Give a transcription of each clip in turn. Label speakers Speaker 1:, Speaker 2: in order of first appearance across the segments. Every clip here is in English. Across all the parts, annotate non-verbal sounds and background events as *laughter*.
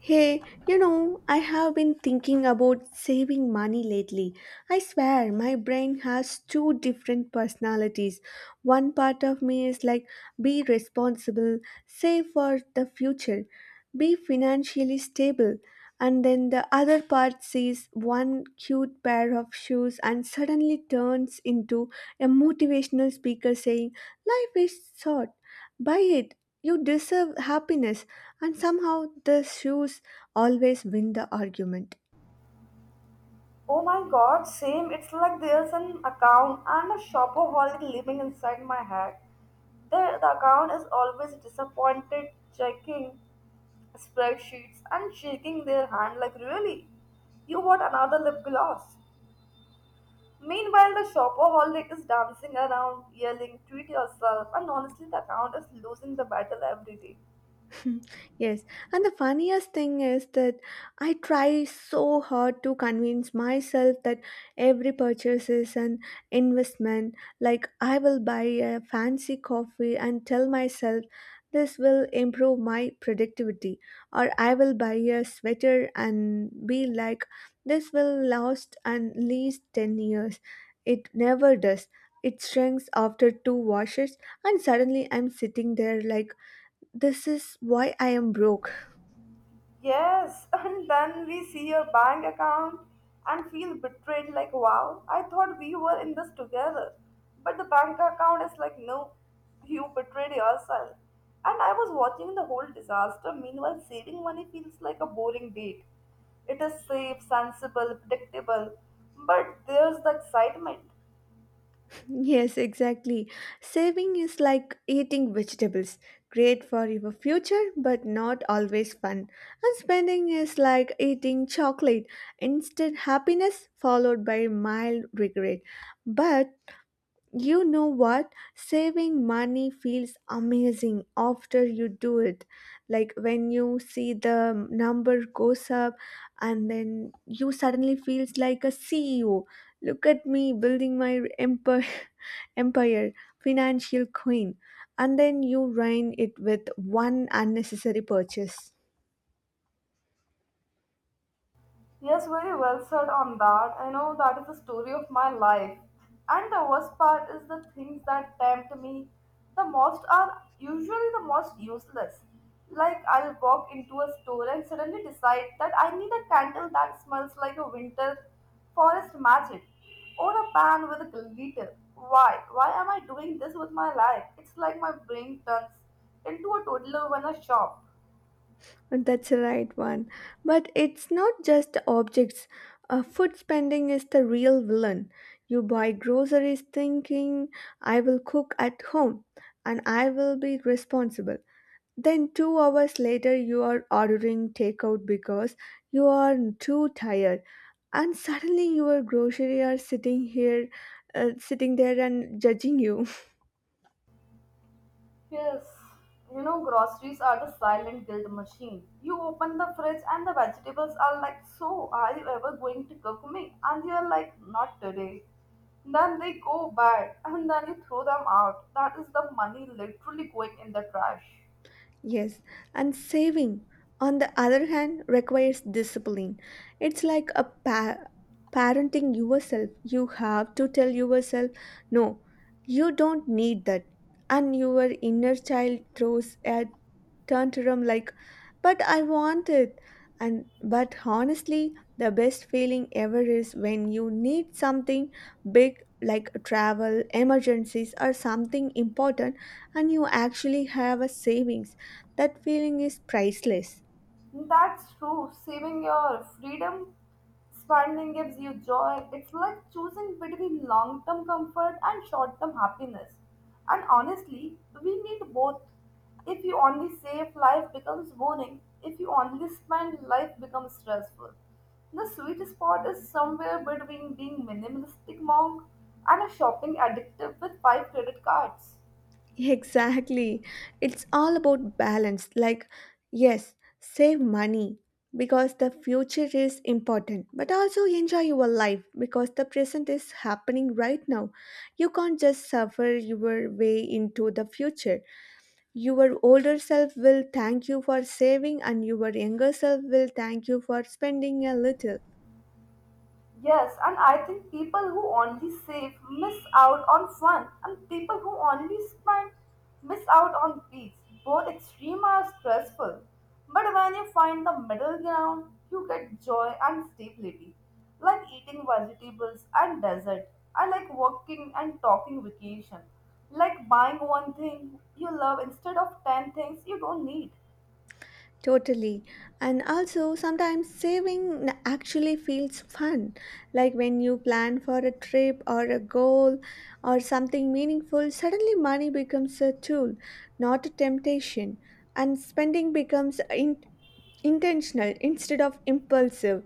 Speaker 1: Hey, you know, I have been thinking about saving money lately. I swear, my brain has two different personalities. One part of me is like, be responsible, save for the future, be financially stable. And then the other part sees one cute pair of shoes and suddenly turns into a motivational speaker saying, life is short, buy it, you deserve happiness, and somehow the shoes always win the argument.
Speaker 2: Oh my god, same. It's like there's an account and a shopaholic living inside my head. The account is always disappointed, checking spreadsheets and shaking their hand like, really? You want another lip gloss? Meanwhile, the shopaholic is dancing around, yelling, treat yourself, and honestly, the account is losing the battle every day.
Speaker 1: *laughs* Yes, and the funniest thing is that I try so hard to convince myself that every purchase is an investment. Like, I will buy a fancy coffee and tell myself this will improve my productivity, or I will buy a sweater and be like, this will last at least 10 years. It never does. It shrinks after two washes, and suddenly I'm sitting there like, this is why I am broke. *laughs*
Speaker 2: Yes, *laughs* and then we see your bank account and feel betrayed like, wow, I thought we were in this together. But the bank account is like, no, you betrayed yourself. And I was watching the whole disaster. Meanwhile, saving money feels like a boring date. It is safe, sensible, predictable, but there's the excitement.
Speaker 1: Yes, exactly. Saving is like eating vegetables. Great for your future, but not always fun. And spending is like eating chocolate. Instant happiness followed by mild regret. But you know what? Saving money feels amazing after you do it. Like when you see the number goes up and then you suddenly feels like a CEO. Look at me building my empire. *laughs* Empire, financial queen. And then you ruin it with one unnecessary purchase.
Speaker 2: Yes, very well said on that. I know that is the story of my life. And the worst part is the things that tempt me the most are usually the most useless. Like I'll walk into a store and suddenly decide that I need a candle that smells like a winter forest magic or a pan with a glitter. Why? Why am I doing this with my life? It's like my brain turns into a toddler when I shop.
Speaker 1: That's the right one. But it's not just objects. Food spending is the real villain. You buy groceries thinking, I will cook at home and I will be responsible. Then, 2 hours later, you are ordering takeout because you are too tired. And suddenly, your grocery are sitting here, sitting there and judging you.
Speaker 2: Yes, you know, groceries are the silent guilt machine. You open the fridge and the vegetables are like, so, are you ever going to cook me? And you're like, not today. Then they go bad and then you throw them out. That is the money literally going in the trash.
Speaker 1: Yes, and saving, on the other hand, requires discipline. It's like a parenting yourself. You have to tell yourself, no, you don't need that. And your inner child throws at tantrum like, but I want it. And but honestly, the best feeling ever is when you need something big, like travel emergencies or something important, and you actually have a savings. That feeling is priceless.
Speaker 2: That's true. Saving your freedom, spending gives you joy. It's like choosing between long term comfort and short term happiness. And honestly, we need both. If you only save, life becomes boring. If you only spend, life becomes stressful. The sweet spot is somewhere between being minimalistic monk and a shopping addictive with five credit cards.
Speaker 1: Exactly. It's all about balance. Like, yes, save money because the future is important, but also enjoy your life because the present is happening right now. You can't just suffer your way into the future. Your older self will thank you for saving, and your younger self will thank you for spending a little.
Speaker 2: Yes, and I think people who only save miss out on fun, and people who only spend miss out on peace. Both extreme are stressful, but when you find the middle ground, you get joy and stability, like eating vegetables and desert, I like walking and talking vacation, like buying one thing you love instead of ten things you don't need.
Speaker 1: Totally. And also, sometimes saving actually feels fun. Like when you plan for a trip or a goal or something meaningful, suddenly money becomes a tool, not a temptation. And spending becomes intentional instead of impulsive.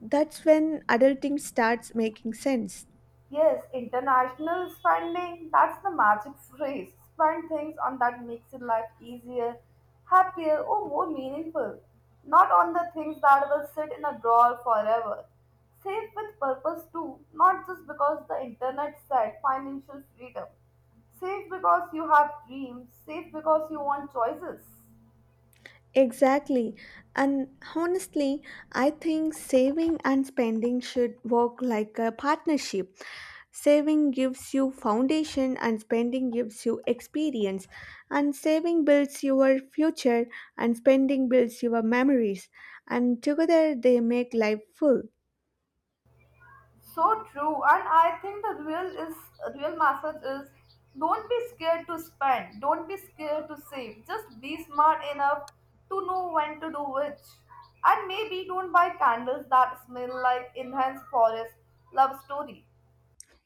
Speaker 1: That's when adulting starts making sense.
Speaker 2: Yes, international spending, that's the magic phrase. Spend things on that makes your life easier, happier, or more meaningful. Not on the things that will sit in a drawer forever. Save with purpose too, not just because the internet said financial freedom. Save because you have dreams, save because you want choices.
Speaker 1: Exactly. And honestly, I think saving and spending should work like a partnership. Saving gives you foundation and spending gives you experience. And saving builds your future and spending builds your memories. And together they make life full.
Speaker 2: So true, and I think the real message is don't be scared to spend, don't be scared to save. Just be smart enough to know when to do which. And maybe don't buy candles that smell like enhanced forest love story.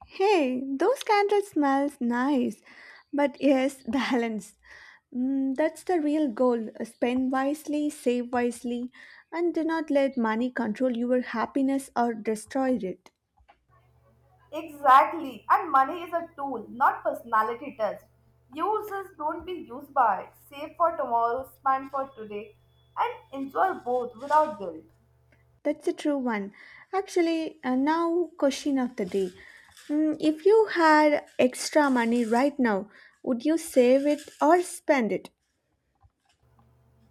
Speaker 1: Hey, those candles smells nice, but yes. *laughs* Balance. Mm, that's the real goal. Spend wisely, save wisely, and do not let money control your happiness or destroy it.
Speaker 2: Exactly. And money is a tool, not personality test. Uses don't be used by it. Save for tomorrow, spend for today, and enjoy both without guilt.
Speaker 1: That's the true one. Actually, now question of the day. Mm, if you had extra money right now, would you save it or spend it?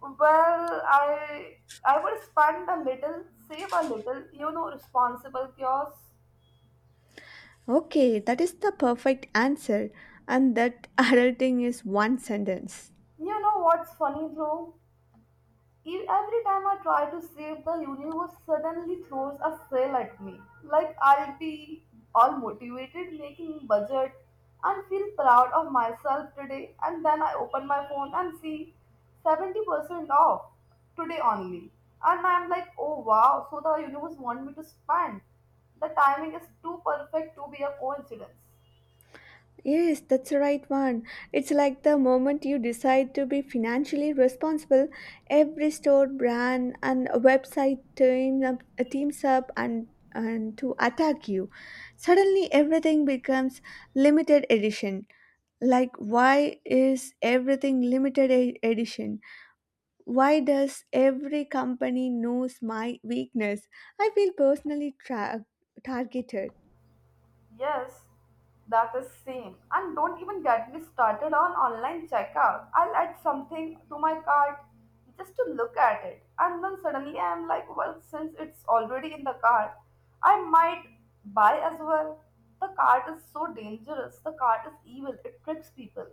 Speaker 2: Well, I would spend a little, save a little, you know, responsible chaos.
Speaker 1: Okay, that is the perfect answer, and that, *laughs* adulting is one sentence.
Speaker 2: You know what's funny though? Every time I try to save the universe, suddenly throws a sale at me. Like I'll be all motivated making budget and feel proud of myself today. And then I open my phone and see 70% off today only. And I'm like, oh wow, so the universe want me to spend. The timing is too perfect to be a coincidence.
Speaker 1: Yes, that's the right one. It's like the moment you decide to be financially responsible, every store, brand, and website teams up and to attack you. Suddenly, everything becomes limited edition. Like, why is everything edition? Why does every company knows my weakness? I feel targeted.
Speaker 2: Yes, that is same. And don't even get me started on online checkout. I'll add something to my cart just to look at it. And then suddenly I'm like, well, since it's already in the cart, I might buy as well. The cart is so dangerous. The cart is evil. It tricks people.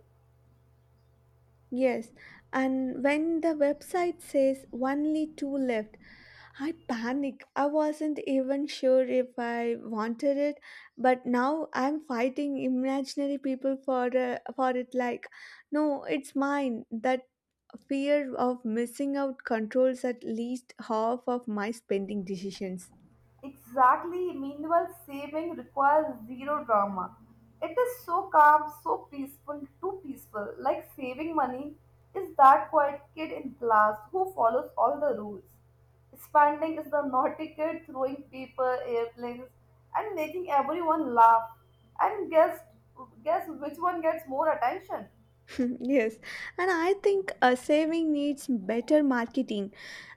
Speaker 1: Yes, and when the website says only two left, I panic. I wasn't even sure if I wanted it, but now I'm fighting imaginary people for it like, no, it's mine. That fear of missing out controls at least half of my spending decisions.
Speaker 2: Exactly. Meanwhile, saving requires zero drama. It is so calm, so peaceful, too peaceful. Like saving money is that quiet kid in class who follows all the rules. Spending is the naughty kid throwing paper, airplanes, and making everyone laugh. And guess which one gets more attention?
Speaker 1: *laughs* Yes, and I think a saving needs better marketing.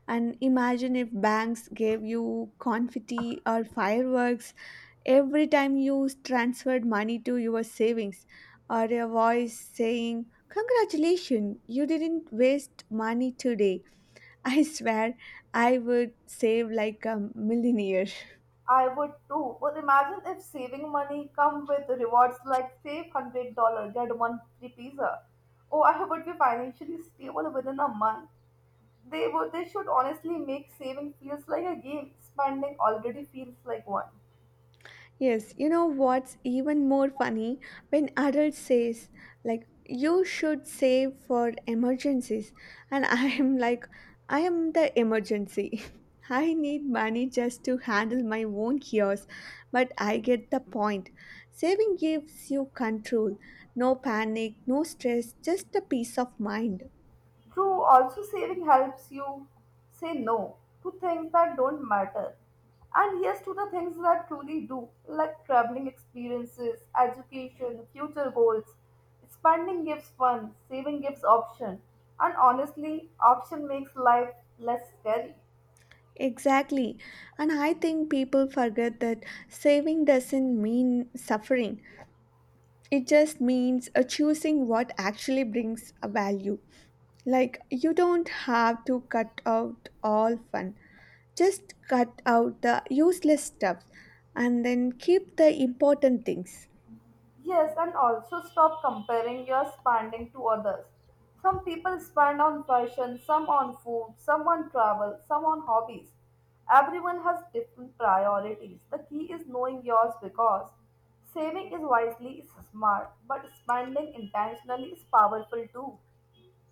Speaker 1: And imagine if banks gave you confetti or fireworks every time you transferred money to your savings, or a voice saying, congratulations, you didn't waste money today. *laughs* I swear I would save like a millionaire.
Speaker 2: I would too. But imagine if saving money come with rewards like save $100, get one free pizza. Oh, I would be financially stable within a month. They would. They should honestly make saving feels like a game. Spending already feels like one.
Speaker 1: Yes, you know what's even more funny when adults says like, you should save for emergencies. And *laughs* I am like, I am the emergency. *laughs* I need money just to handle my own chaos, but I get the point. Saving gives you control, no panic, no stress, just a peace of mind.
Speaker 2: True, also saving helps you say no to things that don't matter and yes to the things that truly do, like traveling experiences, education, future goals. Spending gives fun, saving gives option, and honestly, option makes life less scary.
Speaker 1: Exactly. And I think people forget that saving doesn't mean suffering. It just means choosing what actually brings a value. Like, you don't have to cut out all fun, just cut out the useless stuff and then keep the important things.
Speaker 2: Yes, and also stop comparing your spending to others. Some people spend on fashion, some on food, some on travel, some on hobbies. Everyone has different priorities. The key is knowing yours because saving is wisely is smart, but spending intentionally is powerful too.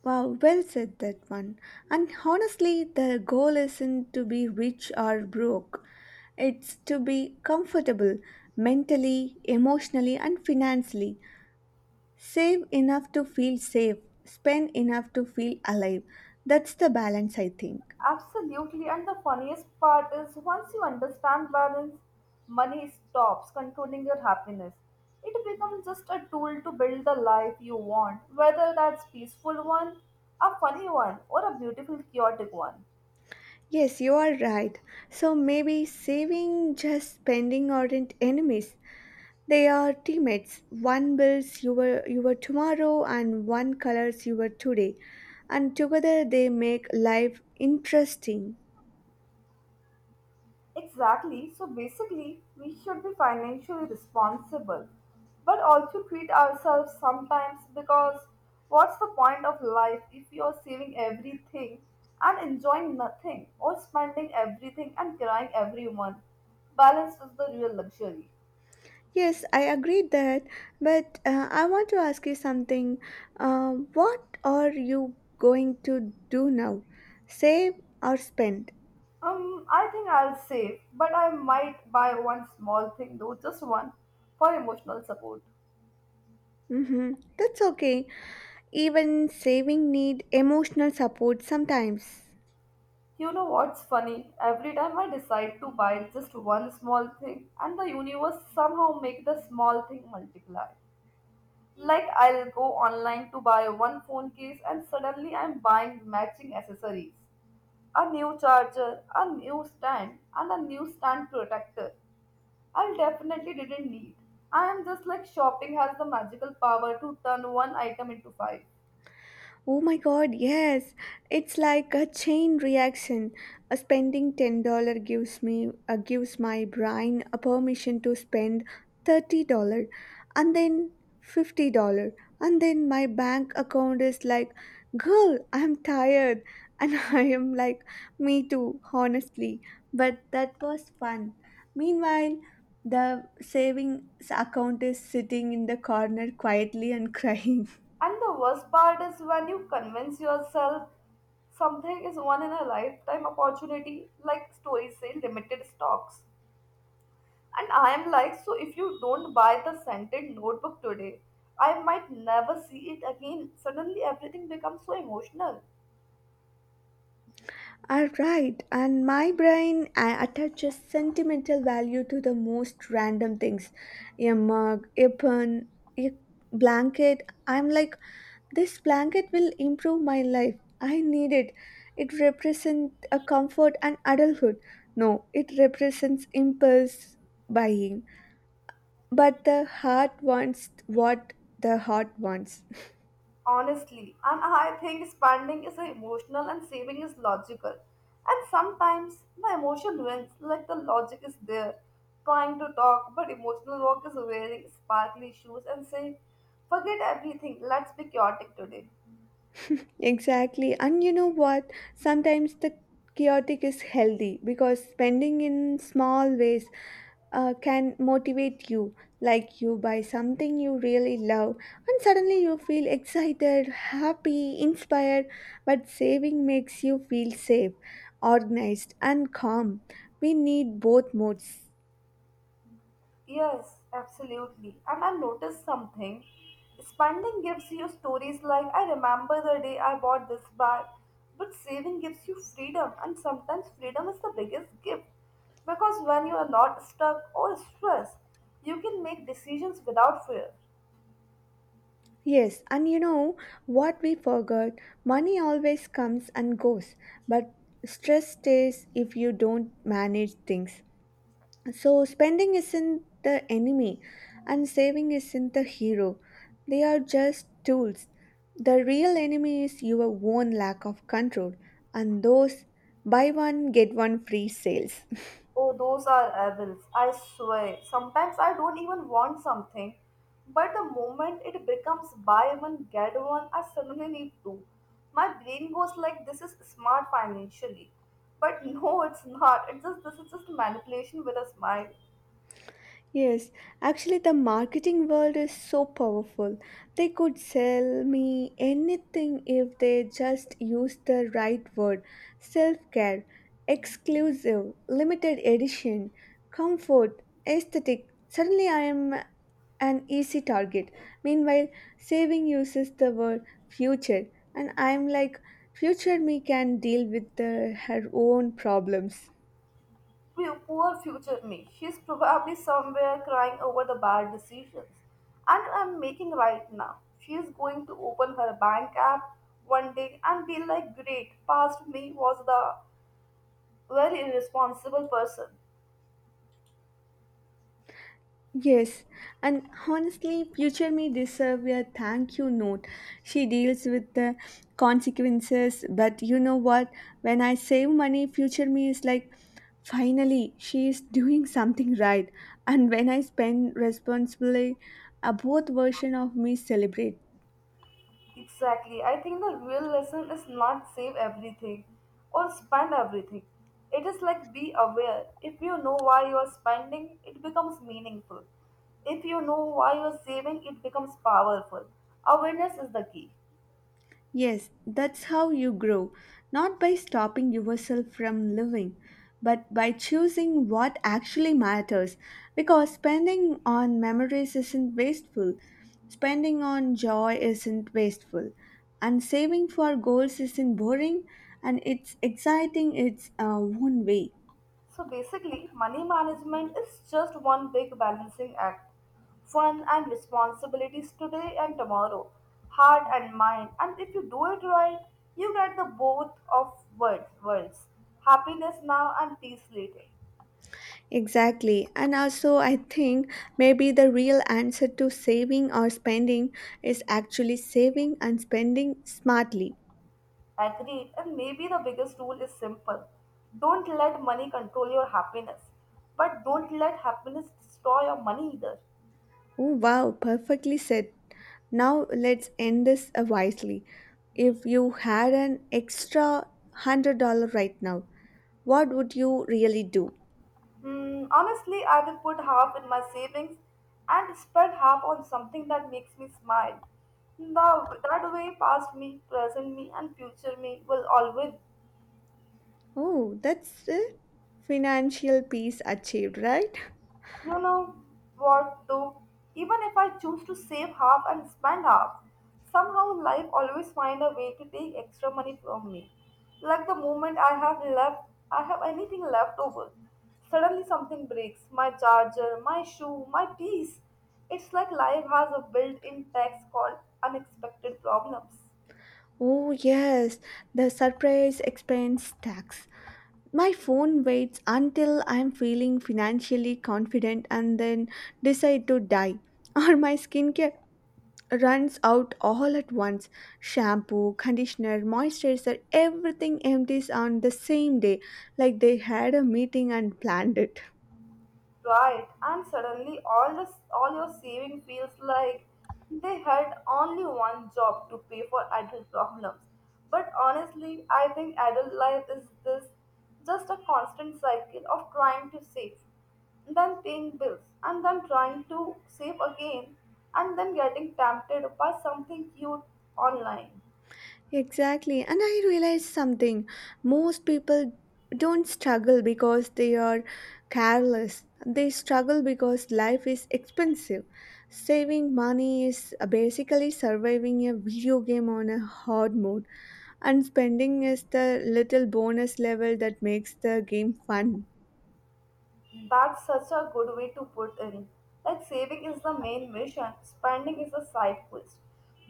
Speaker 1: Wow, well said that one. And honestly, the goal isn't to be rich or broke. It's to be comfortable mentally, emotionally, and financially. Save enough to feel safe, spend enough to feel alive. That's the balance, I think.
Speaker 2: Absolutely, and the funniest part is once you understand balance, money stops controlling your happiness. It becomes just a tool to build the life you want, whether that's peaceful one, a funny one, or a beautiful chaotic one.
Speaker 1: Yes, you are right. So maybe saving just spending aren't enemies. They are teammates. One builds your tomorrow and one colors your today. And together they make life interesting.
Speaker 2: Exactly. So basically, we should be financially responsible, but also treat ourselves sometimes because what's the point of life if you're saving everything and enjoying nothing or spending everything and crying everyone? Balance is the real luxury.
Speaker 1: Yes, I agree that, but I want to ask you something. What are you going to do now? Save or spend?
Speaker 2: I think I'll save, but I might buy one small thing though, just one, for emotional support.
Speaker 1: Mm-hmm. That's okay. Even saving need emotional support sometimes.
Speaker 2: You know what's funny? Every time I decide to buy just one small thing, and the universe somehow make the small thing multiply. Like I'll go online to buy one phone case, and suddenly I'm buying matching accessories, a new charger, a new stand, and a new stand protector. I definitely didn't need. I am just like shopping has the magical power to turn one item into five.
Speaker 1: Oh my god, yes. It's like a chain reaction. A spending $10 gives me gives my brain a permission to spend $30 and then $50, and then my bank account is like, "Girl, I'm tired." And *laughs* I am like, "Me too, honestly." But that was fun. Meanwhile, the savings account is sitting in the corner quietly and *laughs* crying.
Speaker 2: And the worst part is when you convince yourself something is one in a lifetime opportunity, like stories say limited stocks. And I am like, so if you don't buy the scented notebook today, I might never see it again. Suddenly everything becomes so emotional.
Speaker 1: Are right, and my brain attaches sentimental value to the most random things: a mug, a pen, a blanket. I'm like, this blanket will improve my life. I need it. It represents a comfort and adulthood. No, it represents impulse buying. But the heart wants what the heart wants.
Speaker 2: Honestly, and I think spending is emotional and saving is logical, and sometimes the emotion wins. Like the logic is there trying to talk, but emotional walk is wearing sparkly shoes and saying forget everything, let's be chaotic today.
Speaker 1: Exactly. And you know what? Sometimes the chaotic is healthy because spending in small ways can motivate you. Like you buy something you really love, and suddenly you feel excited, happy, inspired. But saving makes you feel safe, organized, and calm. We need both modes.
Speaker 2: Yes, absolutely. And I noticed something. Spending gives you stories like, I remember the day I bought this bag. But saving gives you freedom, and sometimes freedom is the biggest gift. Because when you are not stuck or stressed, you can make decisions without fear.
Speaker 1: Yes, and you know what we forgot? Money always comes and goes, but stress stays if you don't manage things. So, spending isn't the enemy, and saving isn't the hero. They are just tools. The real enemy is your own lack of control and those buy one, get one free sales.
Speaker 2: Oh, those are evils, I swear. Sometimes I don't even want something, but the moment it becomes buy one, get one, I suddenly need two. My brain goes like this is smart financially. But *laughs* no, it's not. It's just this is just manipulation with a smile.
Speaker 1: Yes, actually, the marketing world is so powerful. They could sell me anything if they just use the right word: self care, exclusive, limited edition, comfort, aesthetic. Suddenly, I am an easy target. Meanwhile, saving uses the word future, and I am like, future me can deal with her own problems.
Speaker 2: Poor future me. She's probably somewhere crying over the bad decisions. And I'm making right now. She's going to open her bank app one day and be like, great, past me was the very irresponsible person.
Speaker 1: Yes, and honestly, future me deserve a thank you note. She deals with the consequences, but you know what? When I save money, future me is like, finally, she is doing something right. And when I spend responsibly, a both version of me celebrate.
Speaker 2: Exactly. I think the real lesson is not save everything or spend everything. It is like be aware. If you know why you are spending, it becomes meaningful. If you know why you are saving, it becomes powerful. Awareness is the key.
Speaker 1: Yes, that's how you grow, not by stopping yourself from living, but by choosing what actually matters. Because spending on memories isn't wasteful, spending on joy isn't wasteful, and saving for goals isn't boring and it's exciting its own way.
Speaker 2: So basically, money management is just one big balancing act. Fun and responsibilities today and tomorrow, heart and mind. And if you do it right, you get the both of worlds. Happiness now and peace later.
Speaker 1: Exactly, and also I think maybe the real answer to saving or spending is actually saving and spending smartly.
Speaker 2: Agreed. And maybe the biggest rule is simple. Don't let money control your happiness. But don't let happiness destroy your money either.
Speaker 1: Oh, wow, perfectly said. Now let's end this wisely. If you had an extra $100 right now, what would you really do?
Speaker 2: Hmm, honestly, I will put half in my savings and spread half on something that makes me smile. The, that way, past me, present me, and future me will always.
Speaker 1: Oh, that's it. Financial peace achieved, right?
Speaker 2: You know what, though? Even if I choose to save half and spend half, somehow life always find a way to take extra money from me. Like the moment I have left, I have anything left over. Suddenly something breaks. My charger, my shoe, my piece. It's like life has a built-in tax called unexpected problems.
Speaker 1: Oh, yes, the surprise expense tax. My phone waits until I'm feeling financially confident and then decide to die. *laughs* Or my skincare runs out all at once. Shampoo, conditioner, moisturizer, everything empties on the same day, like they had a meeting and planned it.
Speaker 2: Right, and suddenly all your saving feels like they had only one job to pay for adult problems. But honestly, I think adult life is this just a constant cycle of trying to save, then paying bills, and then trying to save again, and then getting tempted by something cute online.
Speaker 1: Exactly, and I realized something. Most people don't struggle because they are careless, they struggle because life is expensive. Saving money is basically surviving a video game on a hard mode, and spending is the little bonus level that makes the game fun.
Speaker 2: That's such a good way to put in. Like saving is the main mission, spending is a side quest.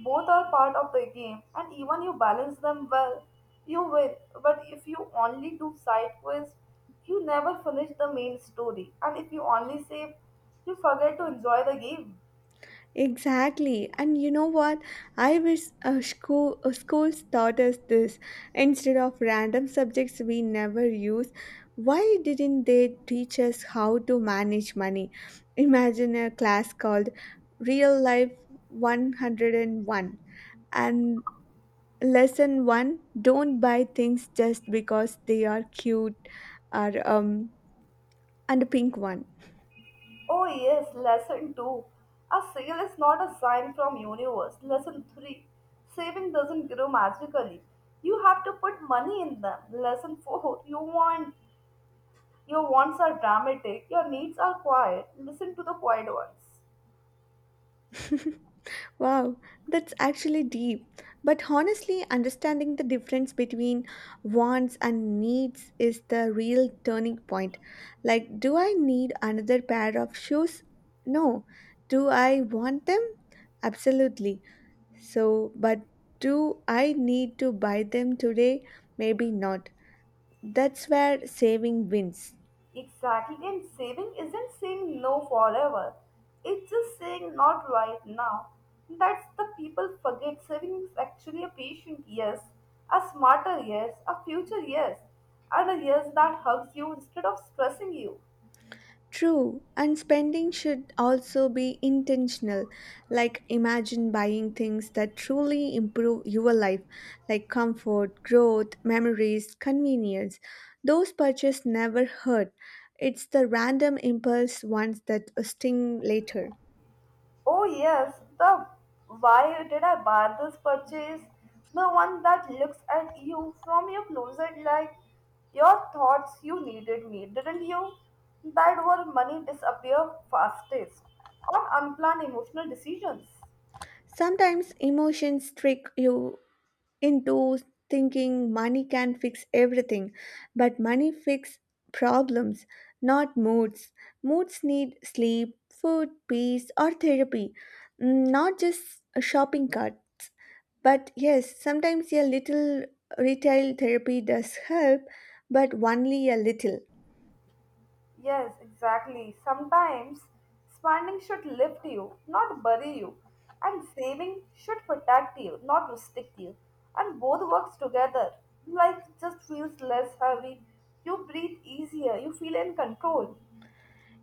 Speaker 2: Both are part of the game, and even you balance them well, you win. But if you only do side quests, you never finish the main story. And if you only save, you forget to enjoy the game.
Speaker 1: Exactly. And you know what? I wish schools taught us this instead of random subjects we never use. Why didn't they teach us how to manage money? Imagine a class called Real Life 101, and Lesson 1, don't buy things just because they are cute or and a pink one.
Speaker 2: Oh yes, lesson 2. A sale is not a sign from universe. Lesson 3. Saving doesn't grow magically. You have to put money in them. Lesson 4. Your wants are dramatic, your needs are quiet. Listen to the quiet ones.
Speaker 1: Wow, that's actually deep. But honestly, understanding the difference between wants and needs is the real turning point. Like, do I need another pair of shoes? No. Do I want them? Absolutely. So, but do I need to buy them today? Maybe not. That's where saving wins.
Speaker 2: Exactly, and saving isn't saying no forever. It's just saying not right now. That's the people forget. Saving is actually a patient yes, a smarter yes, a future yes, and a yes that hugs you instead of stressing you.
Speaker 1: True, and spending should also be intentional. Like, imagine buying things that truly improve your life, like comfort, growth, memories, convenience. Those purchases never hurt. It's the random impulse ones that sting later.
Speaker 2: Oh yes, the why did I buy this purchase? The one that looks at you from your closet like your thoughts you needed me, didn't you? That where money disappear fastest on unplanned emotional decisions.
Speaker 1: Sometimes emotions trick you into thinking money can fix everything, but money fix problems, not moods. Moods need sleep, food, peace, or therapy. Mm, not just shopping carts. But yes, sometimes a little retail therapy does help, but only a little.
Speaker 2: Yes, exactly. Sometimes spending should lift you, not bury you. And saving should protect you, not restrict you. And both works together. Life just feels less heavy. You breathe easier. You feel in control.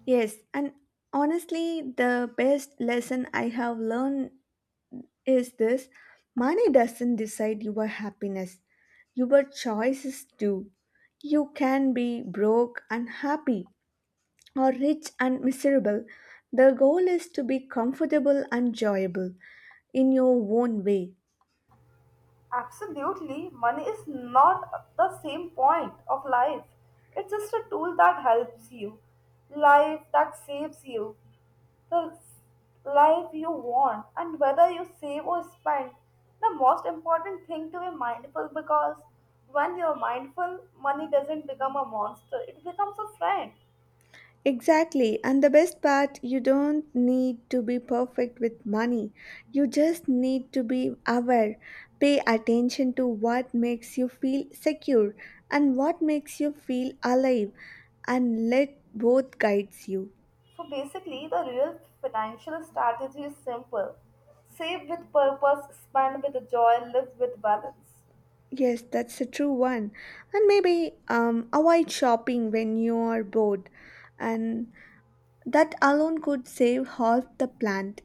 Speaker 1: Yes, and honestly, the best lesson I have learned is this: money doesn't decide your happiness. Your choices do. You can be broke and happy, or rich and miserable. The goal is to be comfortable and enjoyable in your own way.
Speaker 2: Absolutely, money is not the same point of life. It's just a tool that helps you, life that saves you, the life you want, and whether you save or spend. The most important thing to be mindful because when you're mindful, money doesn't become a monster, it becomes a friend.
Speaker 1: Exactly. And the best part, you don't need to be perfect with money. You just need to be aware, pay attention to what makes you feel secure and what makes you feel alive, and let both guides you.
Speaker 2: So basically, the real financial strategy is simple, save with purpose, spend with joy, live with balance.
Speaker 1: Yes, that's a true one. And maybe avoid shopping when you are bored. And that alone could save half the plant.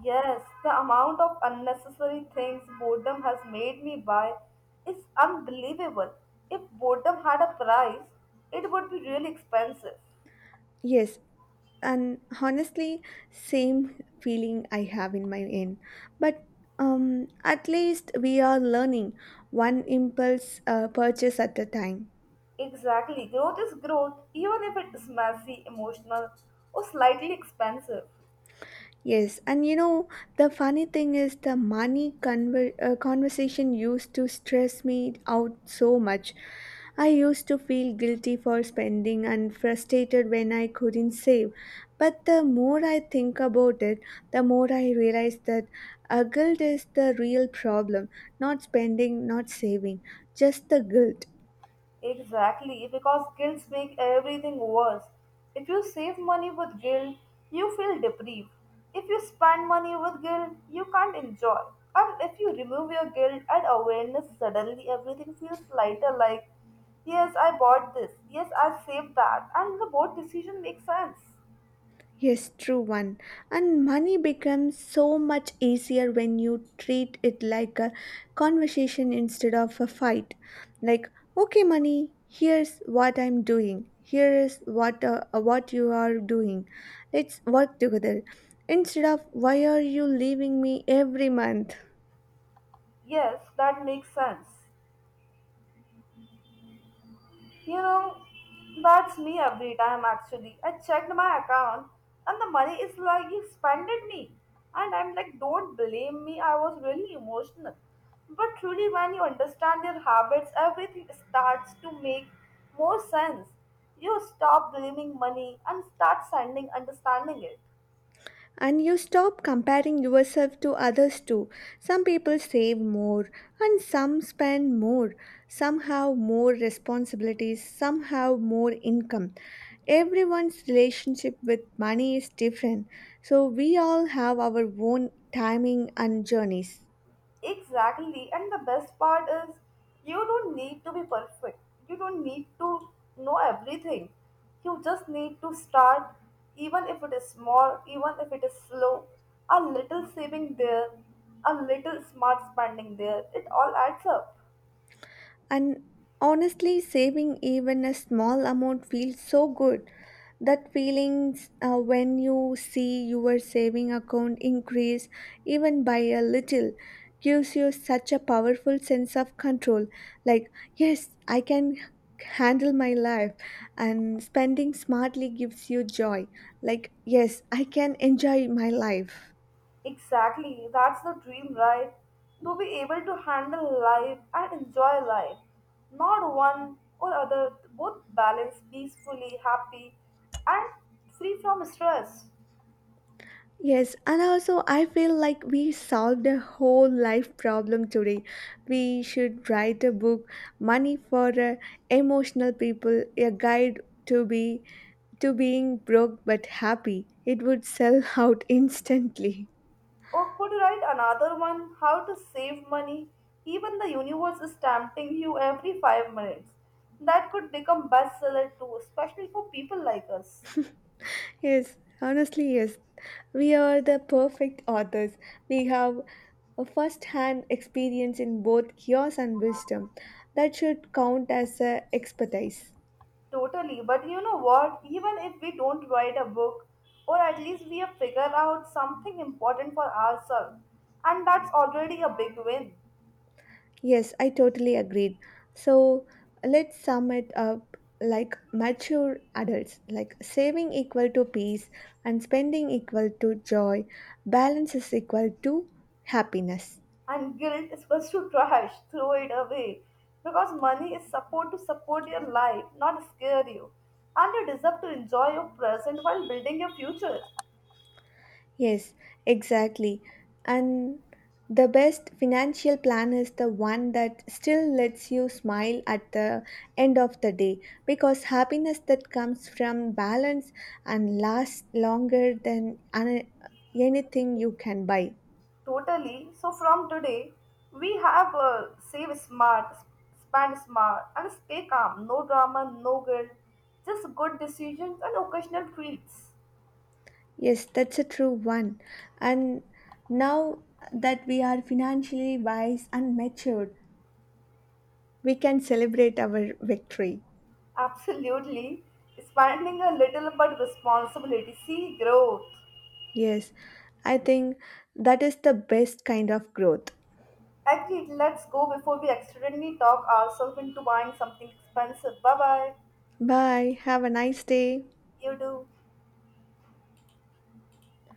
Speaker 2: Yes, the amount of unnecessary things boredom has made me buy is unbelievable. If boredom had a price, it would be really expensive.
Speaker 1: Yes, and honestly, same feeling I have in my end, but at least we are learning one impulse purchase at a time.
Speaker 2: Exactly, growth is growth, even if it is messy, emotional, or slightly expensive.
Speaker 1: Yes, and you know, the funny thing is, the conversation used to stress me out so much. I used to feel guilty for spending and frustrated when I couldn't save. But the more I think about it, the more I realize that a guilt is the real problem, not spending, not saving, just the guilt.
Speaker 2: Exactly, because guilt makes everything worse. If you save money with guilt, you feel deprived. If you spend money with guilt, you can't enjoy. And if you remove your guilt and awareness, suddenly everything feels lighter. Like, yes, I bought this, yes, I saved that, and the both decision makes sense.
Speaker 1: Yes, true one. And money becomes so much easier when you treat it like a conversation instead of a fight. Like, okay, money, here's what I'm doing. Here is what you are doing. Let's work together. Instead of, why are you leaving me every month?
Speaker 2: Yes, that makes sense. You know, that's me every time actually. I checked my account and the money is like, you spended me. And I'm like, don't blame me, I was really emotional. But truly, when you understand your habits, everything starts to make more sense. You stop blaming money and start sending understanding it.
Speaker 1: And you stop comparing yourself to others too. Some people save more and some spend more. Some have more responsibilities, some have more income. Everyone's relationship with money is different, so we all have our own timing and journeys.
Speaker 2: Exactly, and the best part is you don't need to be perfect. You don't need to know everything. You just need to start, even if it is small, even if it is slow. A little saving there, a little smart spending there, it all adds up.
Speaker 1: And honestly, saving even a small amount feels so good. That feelings when you see your saving account increase even by a little gives you such a powerful sense of control. Like, yes, I can handle my life, and spending smartly gives you joy. Like, yes, I can enjoy my life.
Speaker 2: Exactly, that's the dream, right? To be able to handle life and enjoy life. Not one or other, both balanced, peacefully, happy, and free from stress.
Speaker 1: Yes, and also I feel like we solved a whole life problem today. We should write a book, money for emotional people, a guide to be to being broke but happy. It would sell *laughs* out instantly.
Speaker 2: Or could you write another one? How to save money? Even the universe is tempting you every 5 minutes. That could become bestseller too, especially for people like us.
Speaker 1: Yes, honestly, yes. We are the perfect authors. We have a first-hand experience in both chaos and wisdom. That should count as expertise.
Speaker 2: Totally, but you know what? Even if we don't write a book, or at least we have figured out something important for ourselves, and that's already a big win.
Speaker 1: Yes, I totally agreed. So let's sum it up like mature adults, like saving equal to peace and spending equal to joy, balance is equal to happiness.
Speaker 2: And guilt is equals to trash, throw it away, because money is supposed to support your life, not scare you, and you deserve to enjoy your present while building your future.
Speaker 1: Yes, exactly. And the best financial plan is the one that still lets you smile at the end of the day, because happiness that comes from balance and lasts longer than anything you can buy.
Speaker 2: Totally, so from today we have save smart, spend smart, and stay calm. No drama, no guilt, just good decisions and occasional treats.
Speaker 1: Yes, that's a true one. And now that we are financially wise and matured, we can celebrate our victory.
Speaker 2: Absolutely, spending a little but responsibility see growth.
Speaker 1: Yes, I think that is the best kind of growth.
Speaker 2: Agreed, let's go before we accidentally talk ourselves into buying something expensive. Bye bye.
Speaker 1: Bye. Have a nice day.
Speaker 2: You do.